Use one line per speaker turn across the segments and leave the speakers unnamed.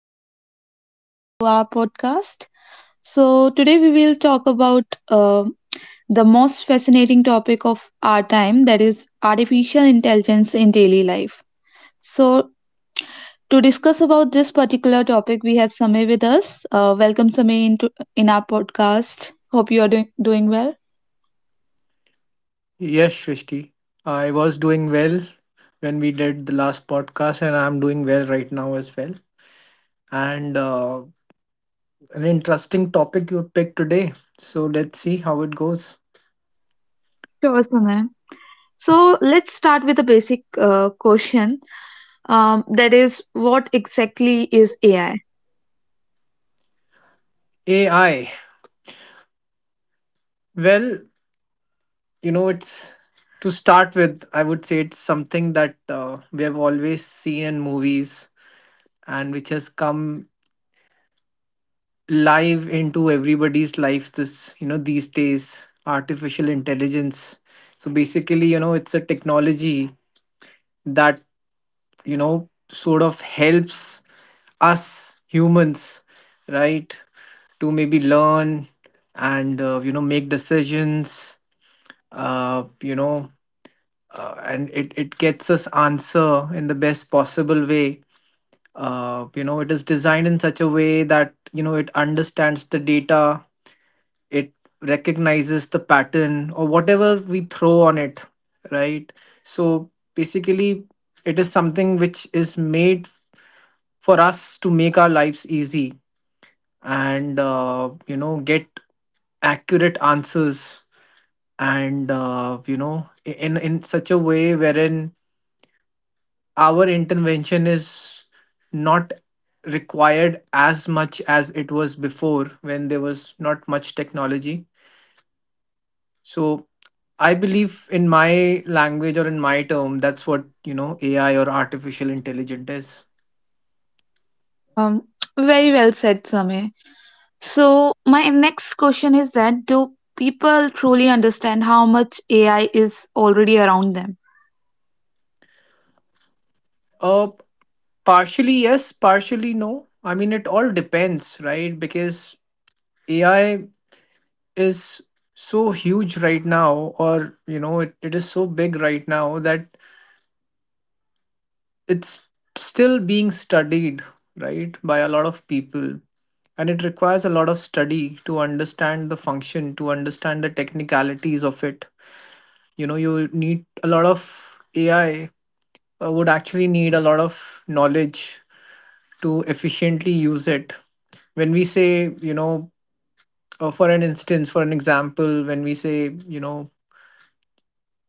Srishti and welcome to our podcast. So Today we will talk about the most fascinating topic of our time, that is artificial intelligence in daily life. So to discuss about this particular topic we have Samay with us. Welcome Samay into in our podcast. Hope you are doing well.
Yes, Srishti. I was doing well when we did the last podcast, and I'm doing well right now as well. And an interesting topic you picked today. So let's see how it goes.
Sure, Samay. So let's start with a basic question. That is, what exactly is AI?
AI. Well, it's to start with, I would say it's something that we have always seen in movies and which has come live into everybody's life this, these days, artificial intelligence. So basically, it's a technology that sort of helps us humans, right, to maybe learn and make decisions, uh, you know and it gets us answer in the best possible way. It is designed in such a way that it understands the data. It recognizes the pattern or whatever we throw on it, right. So basically it is something which is made for us to make our lives easy and get accurate answers, and in such a way wherein our intervention is not required as much as it was before when there was not much technology. So I believe in my language or in my term that's what ai or artificial intelligence is.
Um, Very well said, Samir. So, my next question is that do people truly understand how much AI is already around them?
uh, Partially yes, partially no. I mean, it all depends, right? Because AI is so huge right now, or, it is so big right now that it's still being studied, right, by a lot of people. And it requires a lot of study to understand the function, to understand the technicalities of it. You know, you need a lot of AI would actually need a lot of knowledge to efficiently use it. When we say, for an instance for an example, when we say,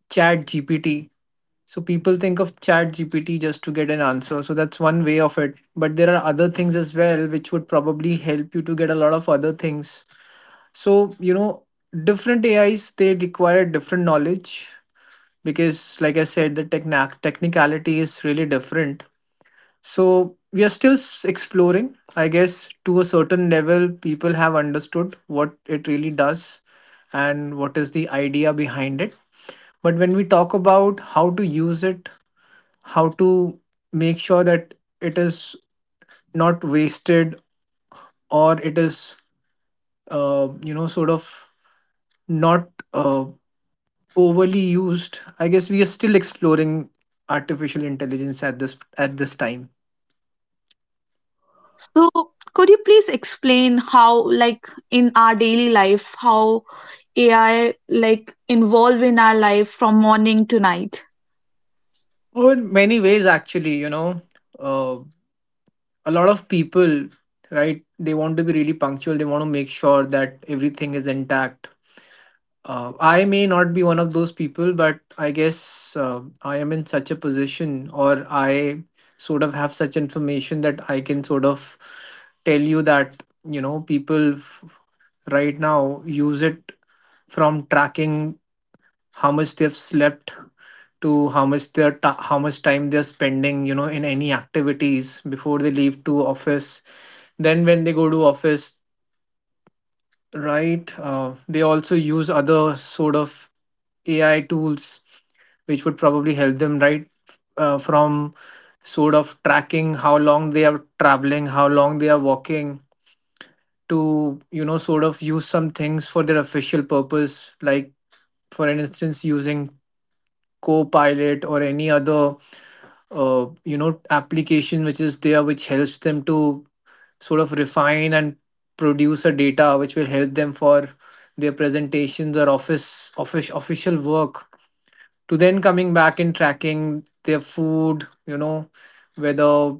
ChatGPT. So people think of ChatGPT just to get an answer, so that's one way of it, but there are other things as well which would probably help you to get a lot of other things. So different ais they require different knowledge, because like I said the technicality is really different. So we are still exploring. I guess to a certain level, people have understood what it really does and what is the idea behind it. But when we talk about how to use it, how to make sure that it is not wasted or it is, sort of not, uh, overly used, I guess we are still exploring artificial intelligence at this time.
So, could you please explain how, like, in our daily life, how AI like involve in our life from morning to night?
Oh, in many ways, actually, uh, a lot of people, right, they want to be really punctual. They want to make sure that everything is intact. I may not be one of those people, but I guess I am in such a position, or I sort of have such information that I can sort of tell you that people, right now use it, from tracking how much they've slept to how much they're, how much time they're spending, in any activities before they leave to office. Then when they go to office, right, they also use other sort of ai tools which would probably help them, right, from sort of tracking how long they are traveling, how long they are walking, to sort of use some things for their official purpose, like for instance using Copilot or any other application which is there which helps them to sort of refine and produce a data which will help them for their presentations or office official work. To then coming back and tracking their food, whether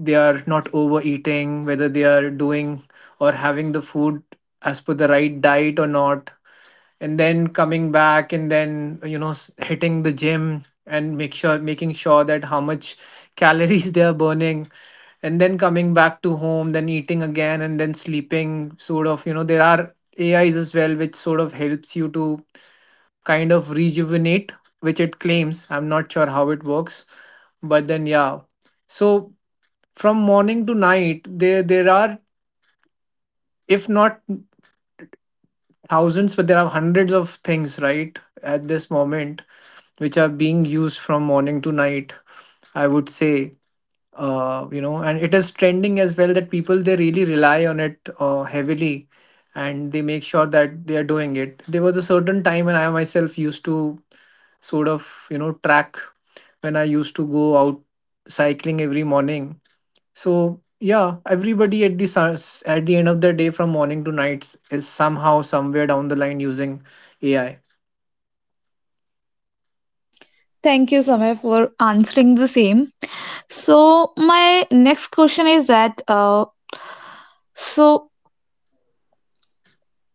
they are not overeating, whether they are doing or having the food as per the right diet or not. And then coming back and then hitting the gym and make sure making sure that how much calories they are burning. And then coming back to home, then eating again, and then sleeping sort of. There are ais as well which sort of helps you to kind of rejuvenate, which it claims I'm not sure how it works, but then yeah. So from morning to night, there are, if not thousands, but there are hundreds of things, right, at this moment, which are being used from morning to night. I would say, and it is trending as well that people they really rely on it, heavily, and they make sure that they are doing it. There was a certain time when I myself used to sort of, track, when I used to go out cycling every morning. So yeah, everybody at at the end of the day, from morning to nights, is somehow somewhere down the line using AI.
Thank you, Samir, for answering the same. So my next question is that so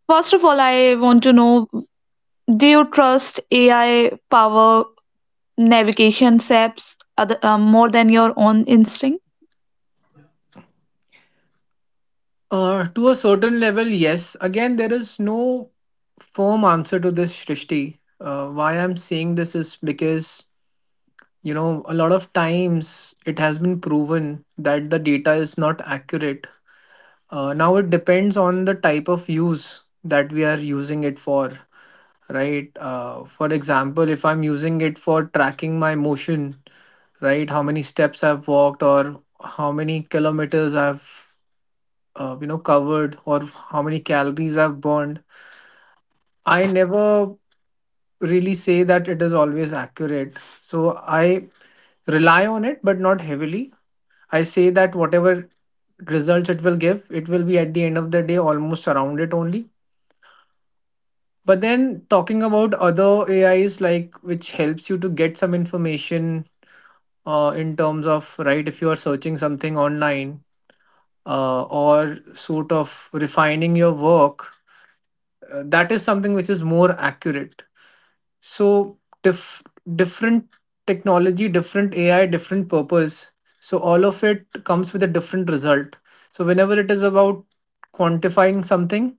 first of all, I want to know: do you trust AI power navigation apps other, more than your own instinct?
To a certain level, yes. Again, there is no firm answer to this, Shrishti. Why I'm saying this is because a lot of times it has been proven that the data is not accurate. Now it depends on the type of use that we are using it for, right? For example, if I'm using it for tracking my motion, right? How many steps I've walked or how many kilometers I've covered, or how many calories I've burned. I never really say that it is always accurate. So I rely on it, but not heavily. I say that whatever results it will give, it will be at the end of the day almost around it only. But then talking about other AIs, like which helps you to get some information, in terms of, right, if you are searching something online, or sort of refining your work, that is something which is more accurate. So, different technology, different AI, different purpose. So, all of it comes with a different result. So, whenever it is about quantifying something,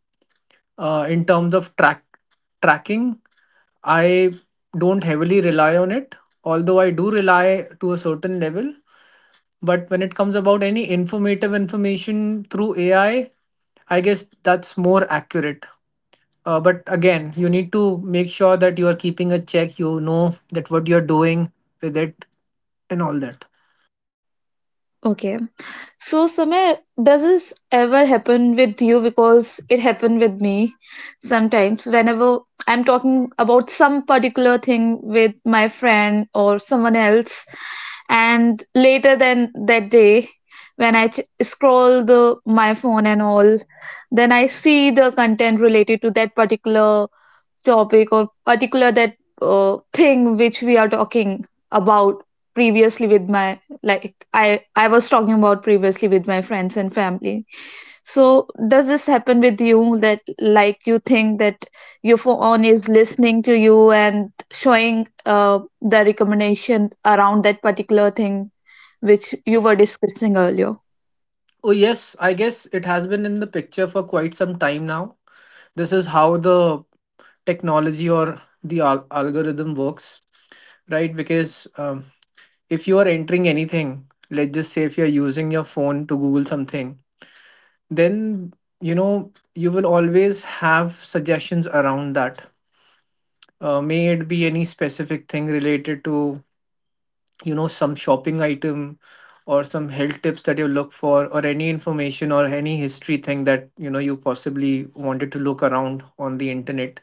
in terms of tracking, I don't heavily rely on it, although I do rely to a certain level. But when it comes about any informative information through AI, I guess that's more accurate. But again, you need to make sure that you are keeping a check. You know that what you're doing with it and all that.
Okay. So, Samay, does this ever happen with you? Because it happened with me sometimes. Whenever I'm talking about some particular thing with my friend or someone else, and later than that day, when I scroll the my phone and all, then I see the content related to that particular topic or particular that thing which we are talking about previously with my, like, I was talking about previously with my friends and family. So does this happen with you, that like you think that your phone is listening to you and showing the recommendation around that particular thing which you were discussing earlier?
Oh yes, I guess it has been in the picture for quite some time now. This is how the technology or the algorithm works, right? Because if you are entering anything, let's just say if you're using your phone to Google something, then you will always have suggestions around that. May it be any specific thing related to, some shopping item or some health tips that you look for, or any information or any history thing that you possibly wanted to look around on the internet.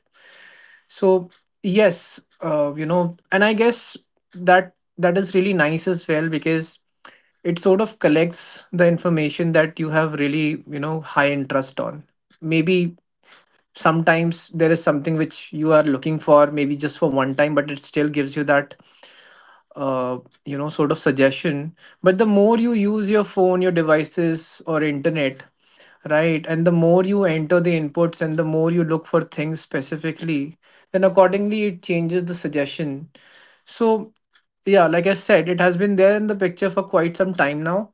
So yes. And I guess that is really nice as well because it sort of collects the information that you have really, high interest on. Maybe sometimes there is something which you are looking for, maybe just for one time, but it still gives you that uh, sort of suggestion. But the more you use your phone, your devices or internet, right, and the more you enter the inputs and the more you look for things specifically, then accordingly it changes the suggestion. So yeah, like I said, it has been there in the picture for quite some time now.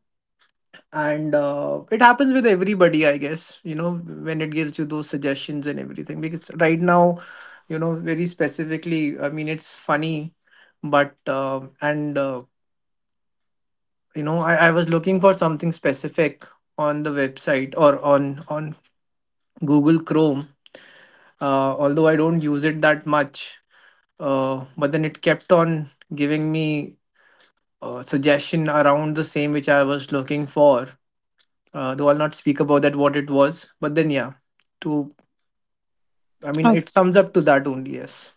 And it happens with everybody, I guess, when it gives you those suggestions and everything, because right now, very specifically, I mean, it's funny, but and you know I was looking for something specific on the website, or on Google Chrome. Although I don't use it that much, but then it kept on giving me a suggestion around the same which I was looking for. Though I'll not speak about that what it was. But then yeah, to, I mean, it sums up to that only. Yes.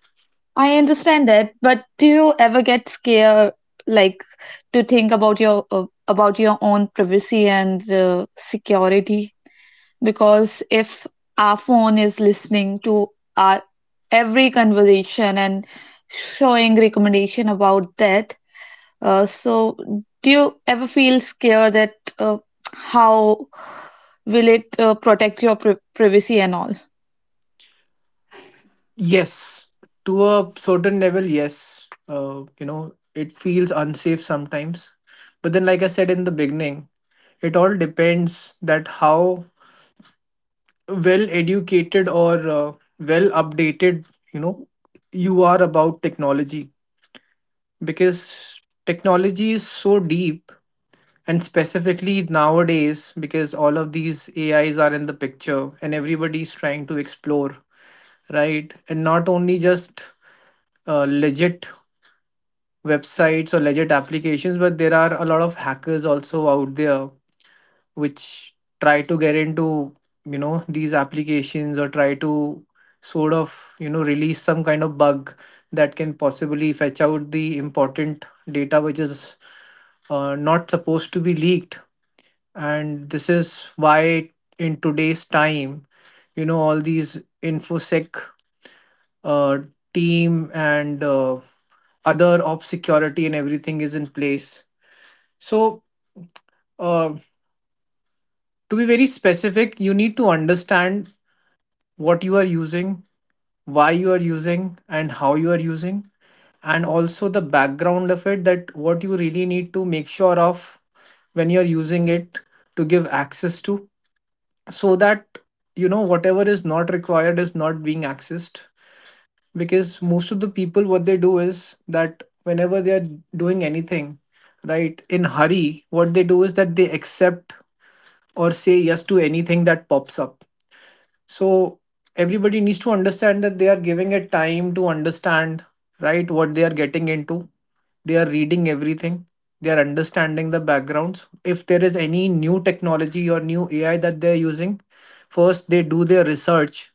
I understand that, but do you ever get scared, like, to think about your own privacy and security? Because if our phone is listening to our every conversation and showing recommendation about that, so do you ever feel scared that how will it protect your privacy and all?
Yes, to a certain level, yes. It feels unsafe sometimes. But then, like I said in the beginning, it all depends that how well educated or well updated, you know, you are about technology, because technology is so deep, and specifically nowadays because all of these ais are in the picture and everybody's trying to explore, right? And not only just legit websites or legit applications, but there are a lot of hackers also out there which try to get into, you know, these applications, or try to sort of, you know, release some kind of bug that can possibly fetch out the important data which is not supposed to be leaked. And this is why in today's time, you know, all these infosec uh, team and other op security and everything is in place. So, uh, to be very specific, you need to understand what you are using, why you are using, and how you are using, and also the background of it, that what you really need to make sure of when you're using it, to give access to, so that you know whatever is not required is not being accessed. Because most of the people, what they do is that whenever they are doing anything, right, in hurry what they do is that they accept or say yes to anything that pops up. So everybody needs to understand that they are giving it time to understand, right, what they are getting into, they are reading everything, they are understanding the backgrounds. If there is any new technology or new ai that they are using, first they do their research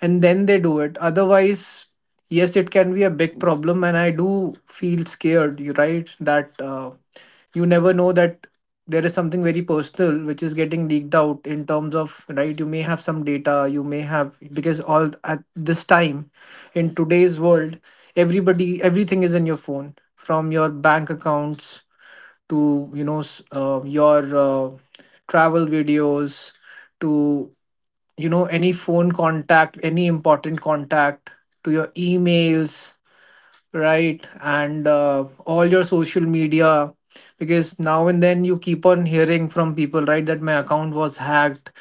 and then they do it. Otherwise, yes, it can be a big problem, and I do feel scared, you right, that you never know that there is something very personal which is getting leaked out in terms of, right, you may have some data, you may have, because all at this time, in today's world, everybody everything is in your phone, from your bank accounts to, you know, your travel videos, to, you know, any phone contact, any important contact, to your emails, right, and all your social media. Because now and then you keep on hearing from people, right, that my account was hacked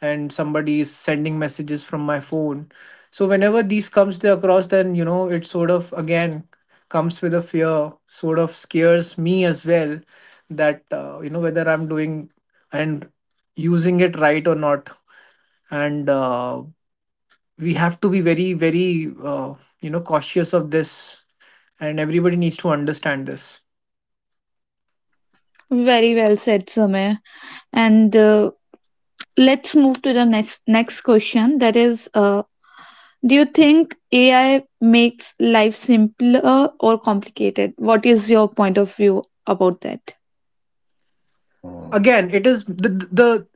and somebody is sending messages from my phone. So whenever these comes there across, then, you know, it sort of again comes with a fear, sort of scares me as well, that you know, whether I'm doing and using it right or not. And we have to be very very you know, cautious of this, and everybody needs to understand this.
Very well said, Samir. And let's move to the next question, that is do you think AI makes life simpler or complicated? What is your point of view about that?
Again, it is the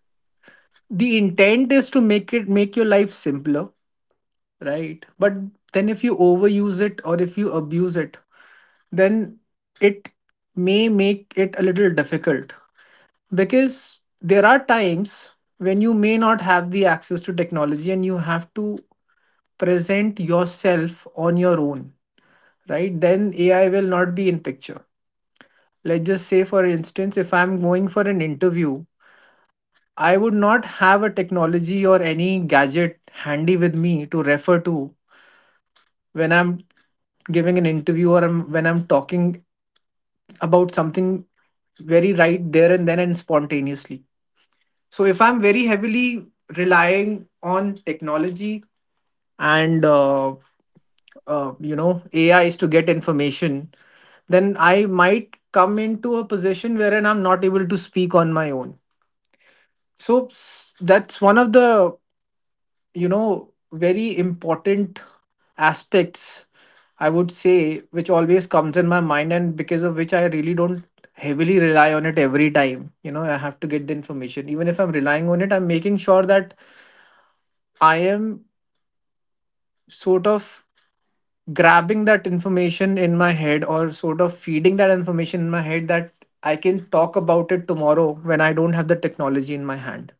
the intent is to make it make your life simpler, right? But then if you overuse it or if you abuse it, then it may make it a little difficult, because there are times when you may not have the access to technology and you have to present yourself on your own, right? Then ai will not be in picture. Let's just say, for instance, if I'm going for an interview, I would not have a technology or any gadget handy with me to refer to when I'm giving an interview, or when I'm talking about something very right there and then and spontaneously. So if I'm very heavily relying on technology and you know, AI is to get information, then I might come into a position wherein I'm not able to speak on my own. So that's one of the, you know, very important aspects, I would say, which always comes in my mind, and because of which I really don't heavily rely on it every time. You know, I have to get the information. Even if I'm relying on it, I'm making sure that I am sort of grabbing that information in my head, or sort of feeding that information in my head, that I can talk about it tomorrow when I don't have the technology in my hand.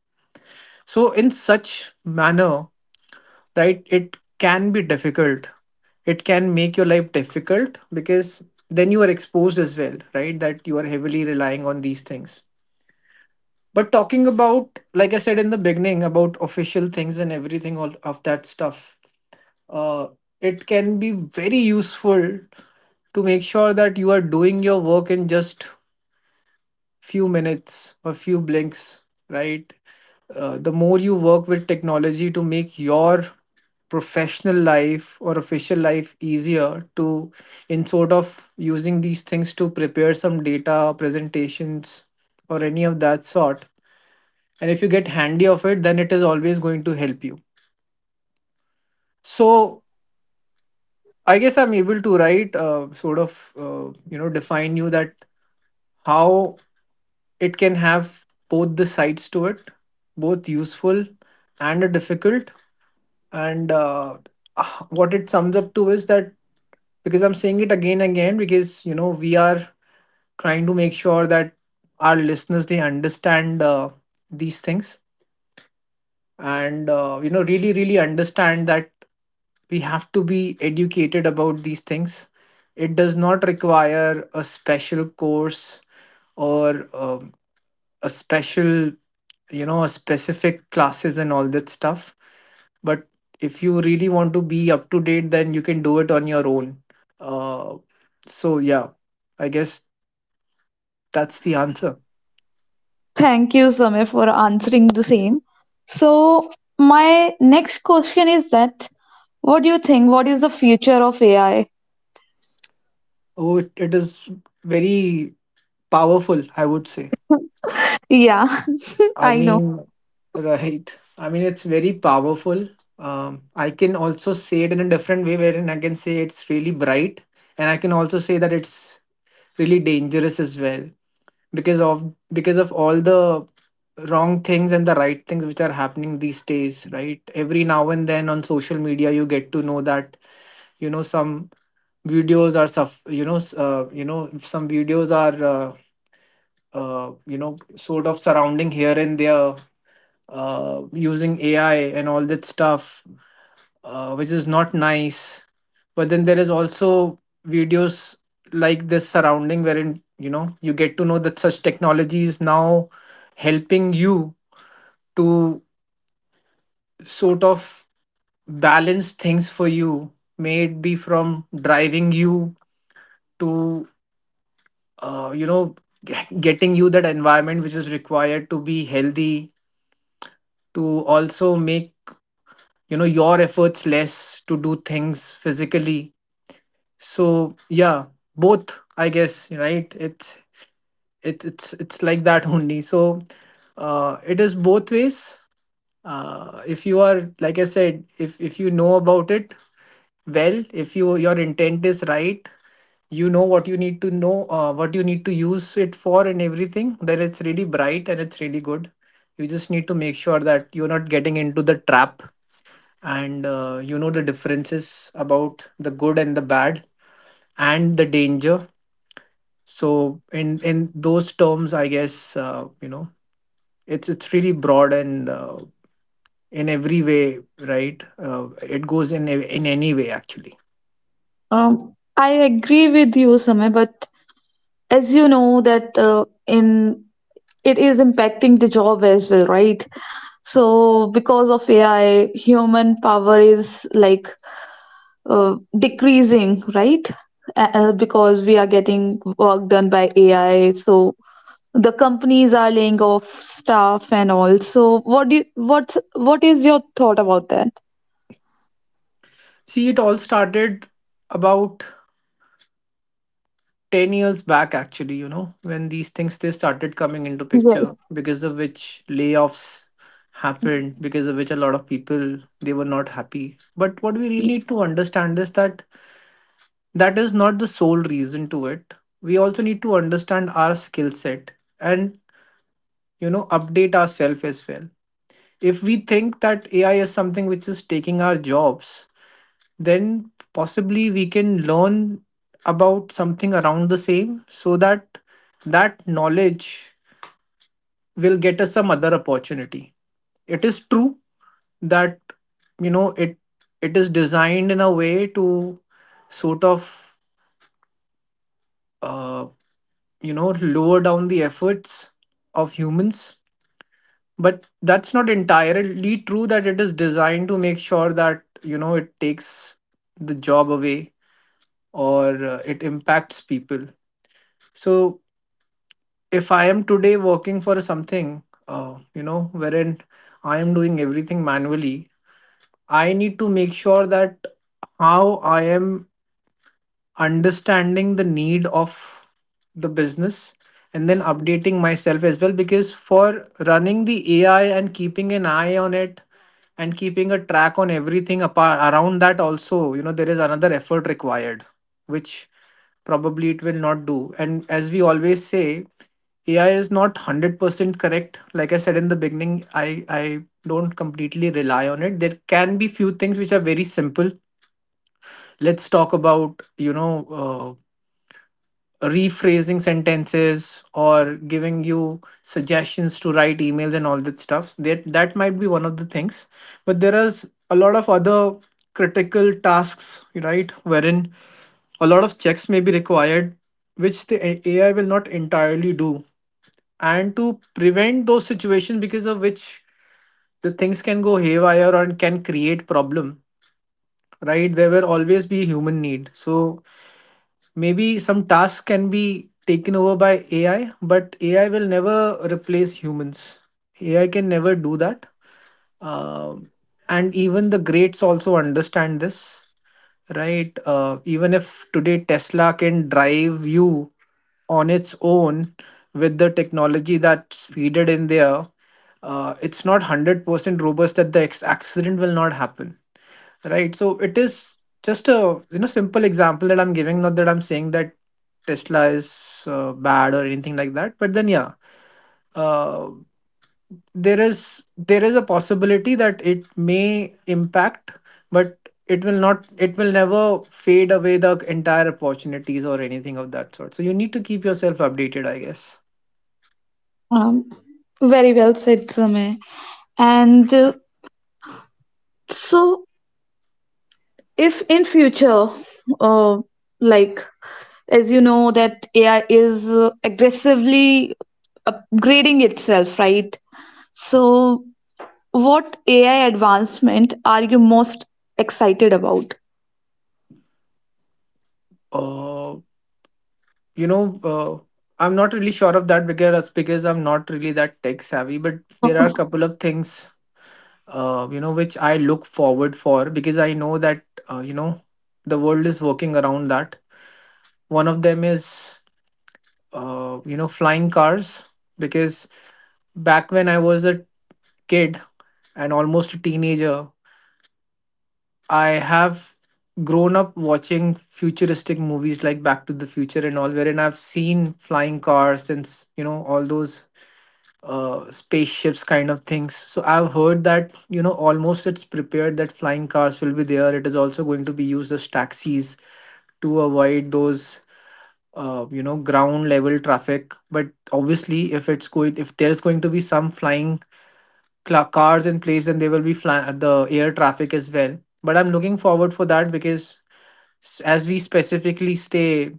So, in such manner, right, it can be difficult. It can make your life difficult, because then you are exposed as well, right? That you are heavily relying on these things. But talking about, like I said in the beginning, about official things and everything, all of that stuff, uh, it can be very useful to make sure that you are doing your work in just few minutes or few blinks, right? The more you work with technology to make your professional life or official life easier, to in sort of using these things to prepare some data presentations or any of that sort, and if you get handy of it, then it is always going to help you. So I guess I'm able to write sort of you know, define you that how it can have both the sides to it, both useful and a difficult. And what it sums up to is that, because I'm saying it again and again, because, you know, we are trying to make sure that our listeners they understand these things, and you know, really really understand that we have to be educated about these things. It does not require a special course or a special, you know, a specific classes and all that stuff. But if you really want to be up to date, then you can do it on your own. uh, so yeah, I guess that's the answer.
Thank you, Samir, for answering the same. So my next question is that what do you think, what is the future of AI?
Oh, it is very powerful, I would say.
Yeah.
I
I know.
mean, right. I mean, it's very powerful. I can also say it in a different way, wherein I can say it's really bright, and I can also say that it's really dangerous as well, because of all the wrong things and the right things which are happening these days, right? Every now and then on social media, you get to know that, you know, some videos are suff you know s- you know, some videos are you know, sort of surrounding here and there using AI and all that stuff, which is not nice. But then there is also videos like this surrounding, wherein, you know, you get to know that such technology is now helping you to sort of balance things for you, may it be from driving you to you know, g- getting you that environment which is required to be healthy, to also make, you know, your efforts less to do things physically. So yeah, both, I guess, right? It's like that only. So it is both ways. If you are, like I said, if you know about it well, if you your intent is right, you know what you need to know, what you need to use it for and everything, then it's really bright and it's really good. You just need to make sure that you're not getting into the trap, and you know the differences about the good and the bad and the danger. So in those terms, I guess, you know, it's really broad, and in every way, right, it goes in in any way, actually.
I agree with you, Samir, but as you know that in it is impacting the job as well, right? So because of AI, human power is like decreasing, right? Because we are getting work done by AI, so the companies are laying off staff and all. So what do you, what is your thought about that?
See, it all started about 10 years back, actually, you know, when these things they started coming into picture,
Yes.
because of which layoffs happened, because of which a lot of people they were not happy. But what we really need to understand is that that is not the sole reason to it. We also need to understand our skill set, and, you know, update ourselves as well. If we think that ai is something which is taking our jobs, then possibly we can learn about something around the same, so that that knowledge will get us some other opportunity. It is true that, you know, it is designed in a way to sort of uh, you know, lower down the efforts of humans. But that's not entirely true that it is designed to make sure that, you know, it takes the job away, or it impacts people. So if I am today working for something, you know, wherein I am doing everything manually, I need to make sure that how I am understanding the need of the business, and then updating myself as well, because for running the AI and keeping an eye on it and keeping a track on everything apart around that, also, you know, there is another effort required, which probably it will not do. And as we always say, AI is not 100% correct. Like I said in the beginning, I don't completely rely on it. There can be few things which are very simple. Let's talk about, you know, rephrasing sentences or giving you suggestions to write emails and all that stuff, that might be one of the things. But there is a lot of other critical tasks, right, wherein a lot of checks may be required, which the ai will not entirely do. And to prevent those situations, because of which the things can go haywire and can create problem, right? There will always be human need. So maybe some tasks can be taken over by AI, but AI will never replace humans. AI can never do that. Um, and even the greats also understand this, right? Even if today Tesla can drive you on its own with the technology that's feeded in there, it's not 100% robust that the accident will not happen. Right. So it is just a simple example that I'm giving, not that I'm saying that Tesla is bad or anything like that. But then yeah, uh, there is a possibility that it may impact, but it will not. It will never fade away the entire opportunities or anything of that sort. So you need to keep yourself updated, I guess.
um, Very well said, Sameh. And so if in future, uh, like, as you know that AI is aggressively upgrading itself, right? So what AI advancement are you most excited about?
Uh, you know, uh, I'm not really sure of that because I'm not really that tech savvy, but there are a couple of things which I look forward for because I know that uh, you know the world is working around that. One of them is flying cars, because back when I was a kid and almost a teenager, I have grown up watching futuristic movies like Back to the Future and all, wherein I've seen flying cars and all those spaceships kind of things. So I've heard that almost it's prepared that flying cars will be there. It is also going to be used as taxis to avoid those ground level traffic. But obviously, if it's going if there's going to be some flying cars in place, then there will be the air traffic as well. But I'm looking forward for that because as we specifically stay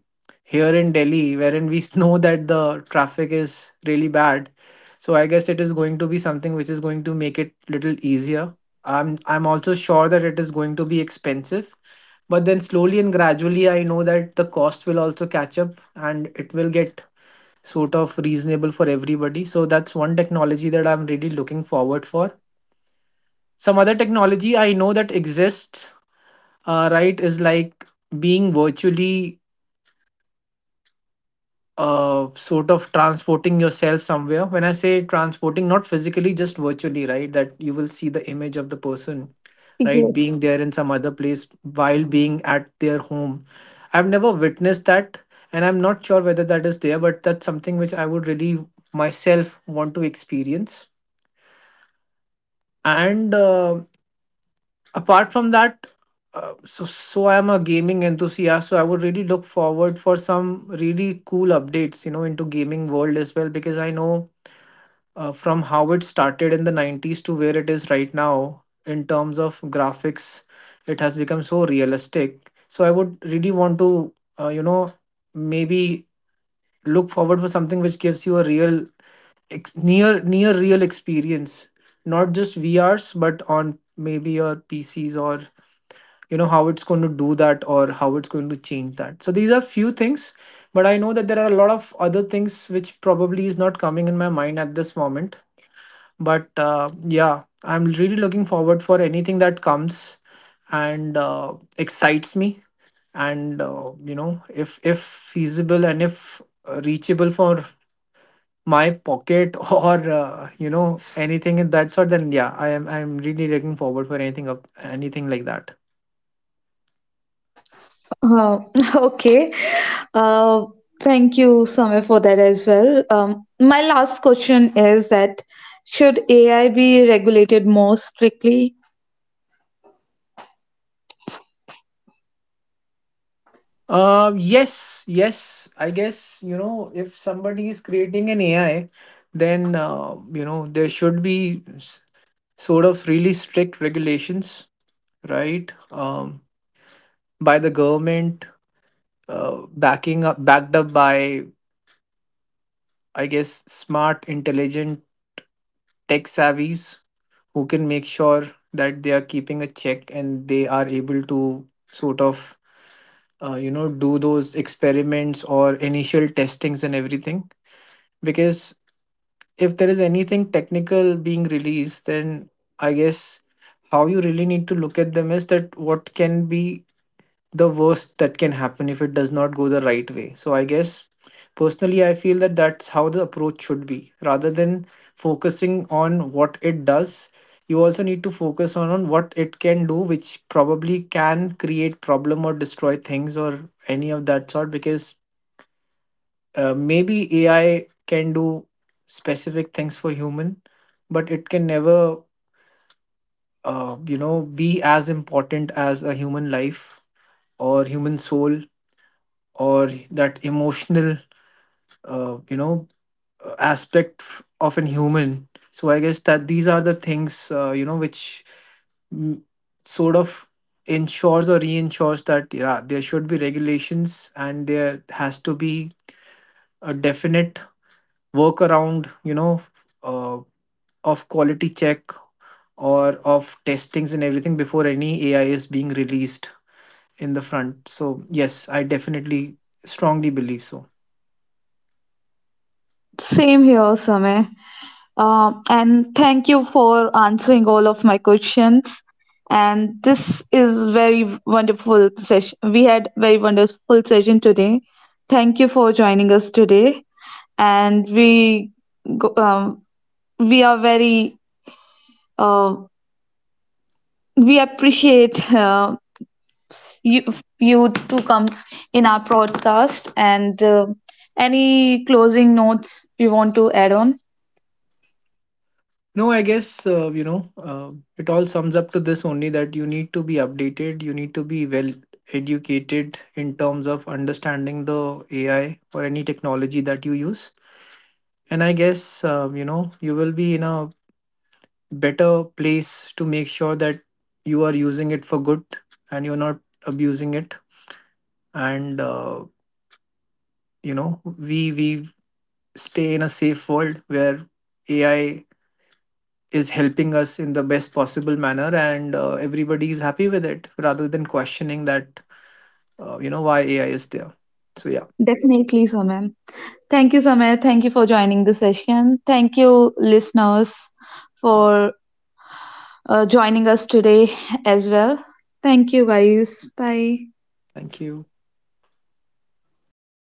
here in Delhi, wherein we know that the traffic is really bad. So I guess it is going to be something which is going to make it little easier. I'm also sure that it is going to be expensive, but then slowly and gradually I know that the cost will also catch up and it will get sort of reasonable for everybody. So that's one technology that I'm really looking forward for. Some other technology I know that exists, right, is like being virtually sort of transporting yourself somewhere. When I say transporting, not physically, just virtually, right? That you will see the image of the person, right,
Yes.
being there in some other place while being at their home. I've never witnessed that, and I'm not sure whether that is there, but that's something which I would really myself want to experience. And apart from that, so I'm a gaming enthusiast, so I would really look forward for some really cool updates into gaming world as well, because I know from how it started in the 90s to where it is right now in terms of graphics, it has become so realistic. So I would really want to uh, you know maybe look forward for something which gives you a real near real experience, not just VRs but on maybe your PCs, or how it's going to do that or how it's going to change that. So these are few things, but I know that there are a lot of other things which probably is not coming in my mind at this moment. But yeah, I'm really looking forward for anything that comes and excites me. And if feasible, and if reachable for my pocket or anything in that sort, then yeah, I'm really looking forward for anything of anything like that.
uh, okay. uh, Thank you, Samir, for that as well. My last question is that should AI be regulated more strictly?
Yes, yes, I guess if somebody is creating an AI, then there should be sort of really strict regulations, right? Um, by the government, backing up backed up by, I guess, smart, intelligent, tech savvies who can make sure that they are keeping a check and they are able to sort of do those experiments or initial testings and everything. Because if there is anything technical being released, then I guess how you really need to look at them is that what can be the worst that can happen if it does not go the right way. So I guess personally I feel that that's how the approach should be. Rather than focusing on what it does, you also need to focus on, what it can do, which probably can create problem or destroy things or any of that sort. Because maybe AI can do specific things for human, but it can never be as important as a human life or human soul or that emotional uh, you know aspect of an human. So I guess that these are the things which mm, sort of ensures or reinsures that yeah, there should be regulations and there has to be a definite workaround, uh, of quality check or of testings and everything before any AI is being released in the front. So yes, I definitely strongly believe so.
Same here, Samir. And thank you for answering all of my questions. And this is very wonderful session. We had very wonderful session today. Thank you for joining us today. And we go- um, we are very uh, we appreciate you you to come in our podcast. And any closing notes you want to add on?
No, I guess, it all sums up to this only, that you need to be updated, you need to be well educated in terms of understanding the AI or any technology that you use. And I guess, you will be in a better place to make sure that you are using it for good and you're not abusing it. And, we stay in a safe world where AI is helping us in the best possible manner, and everybody is happy with it rather than questioning that why AI is there. So yeah,
Definitely, Samam. Thank you, Samir. Thank you for joining the session. Thank you, listeners, for joining us today as well. Thank you, guys. Bye.
thank you.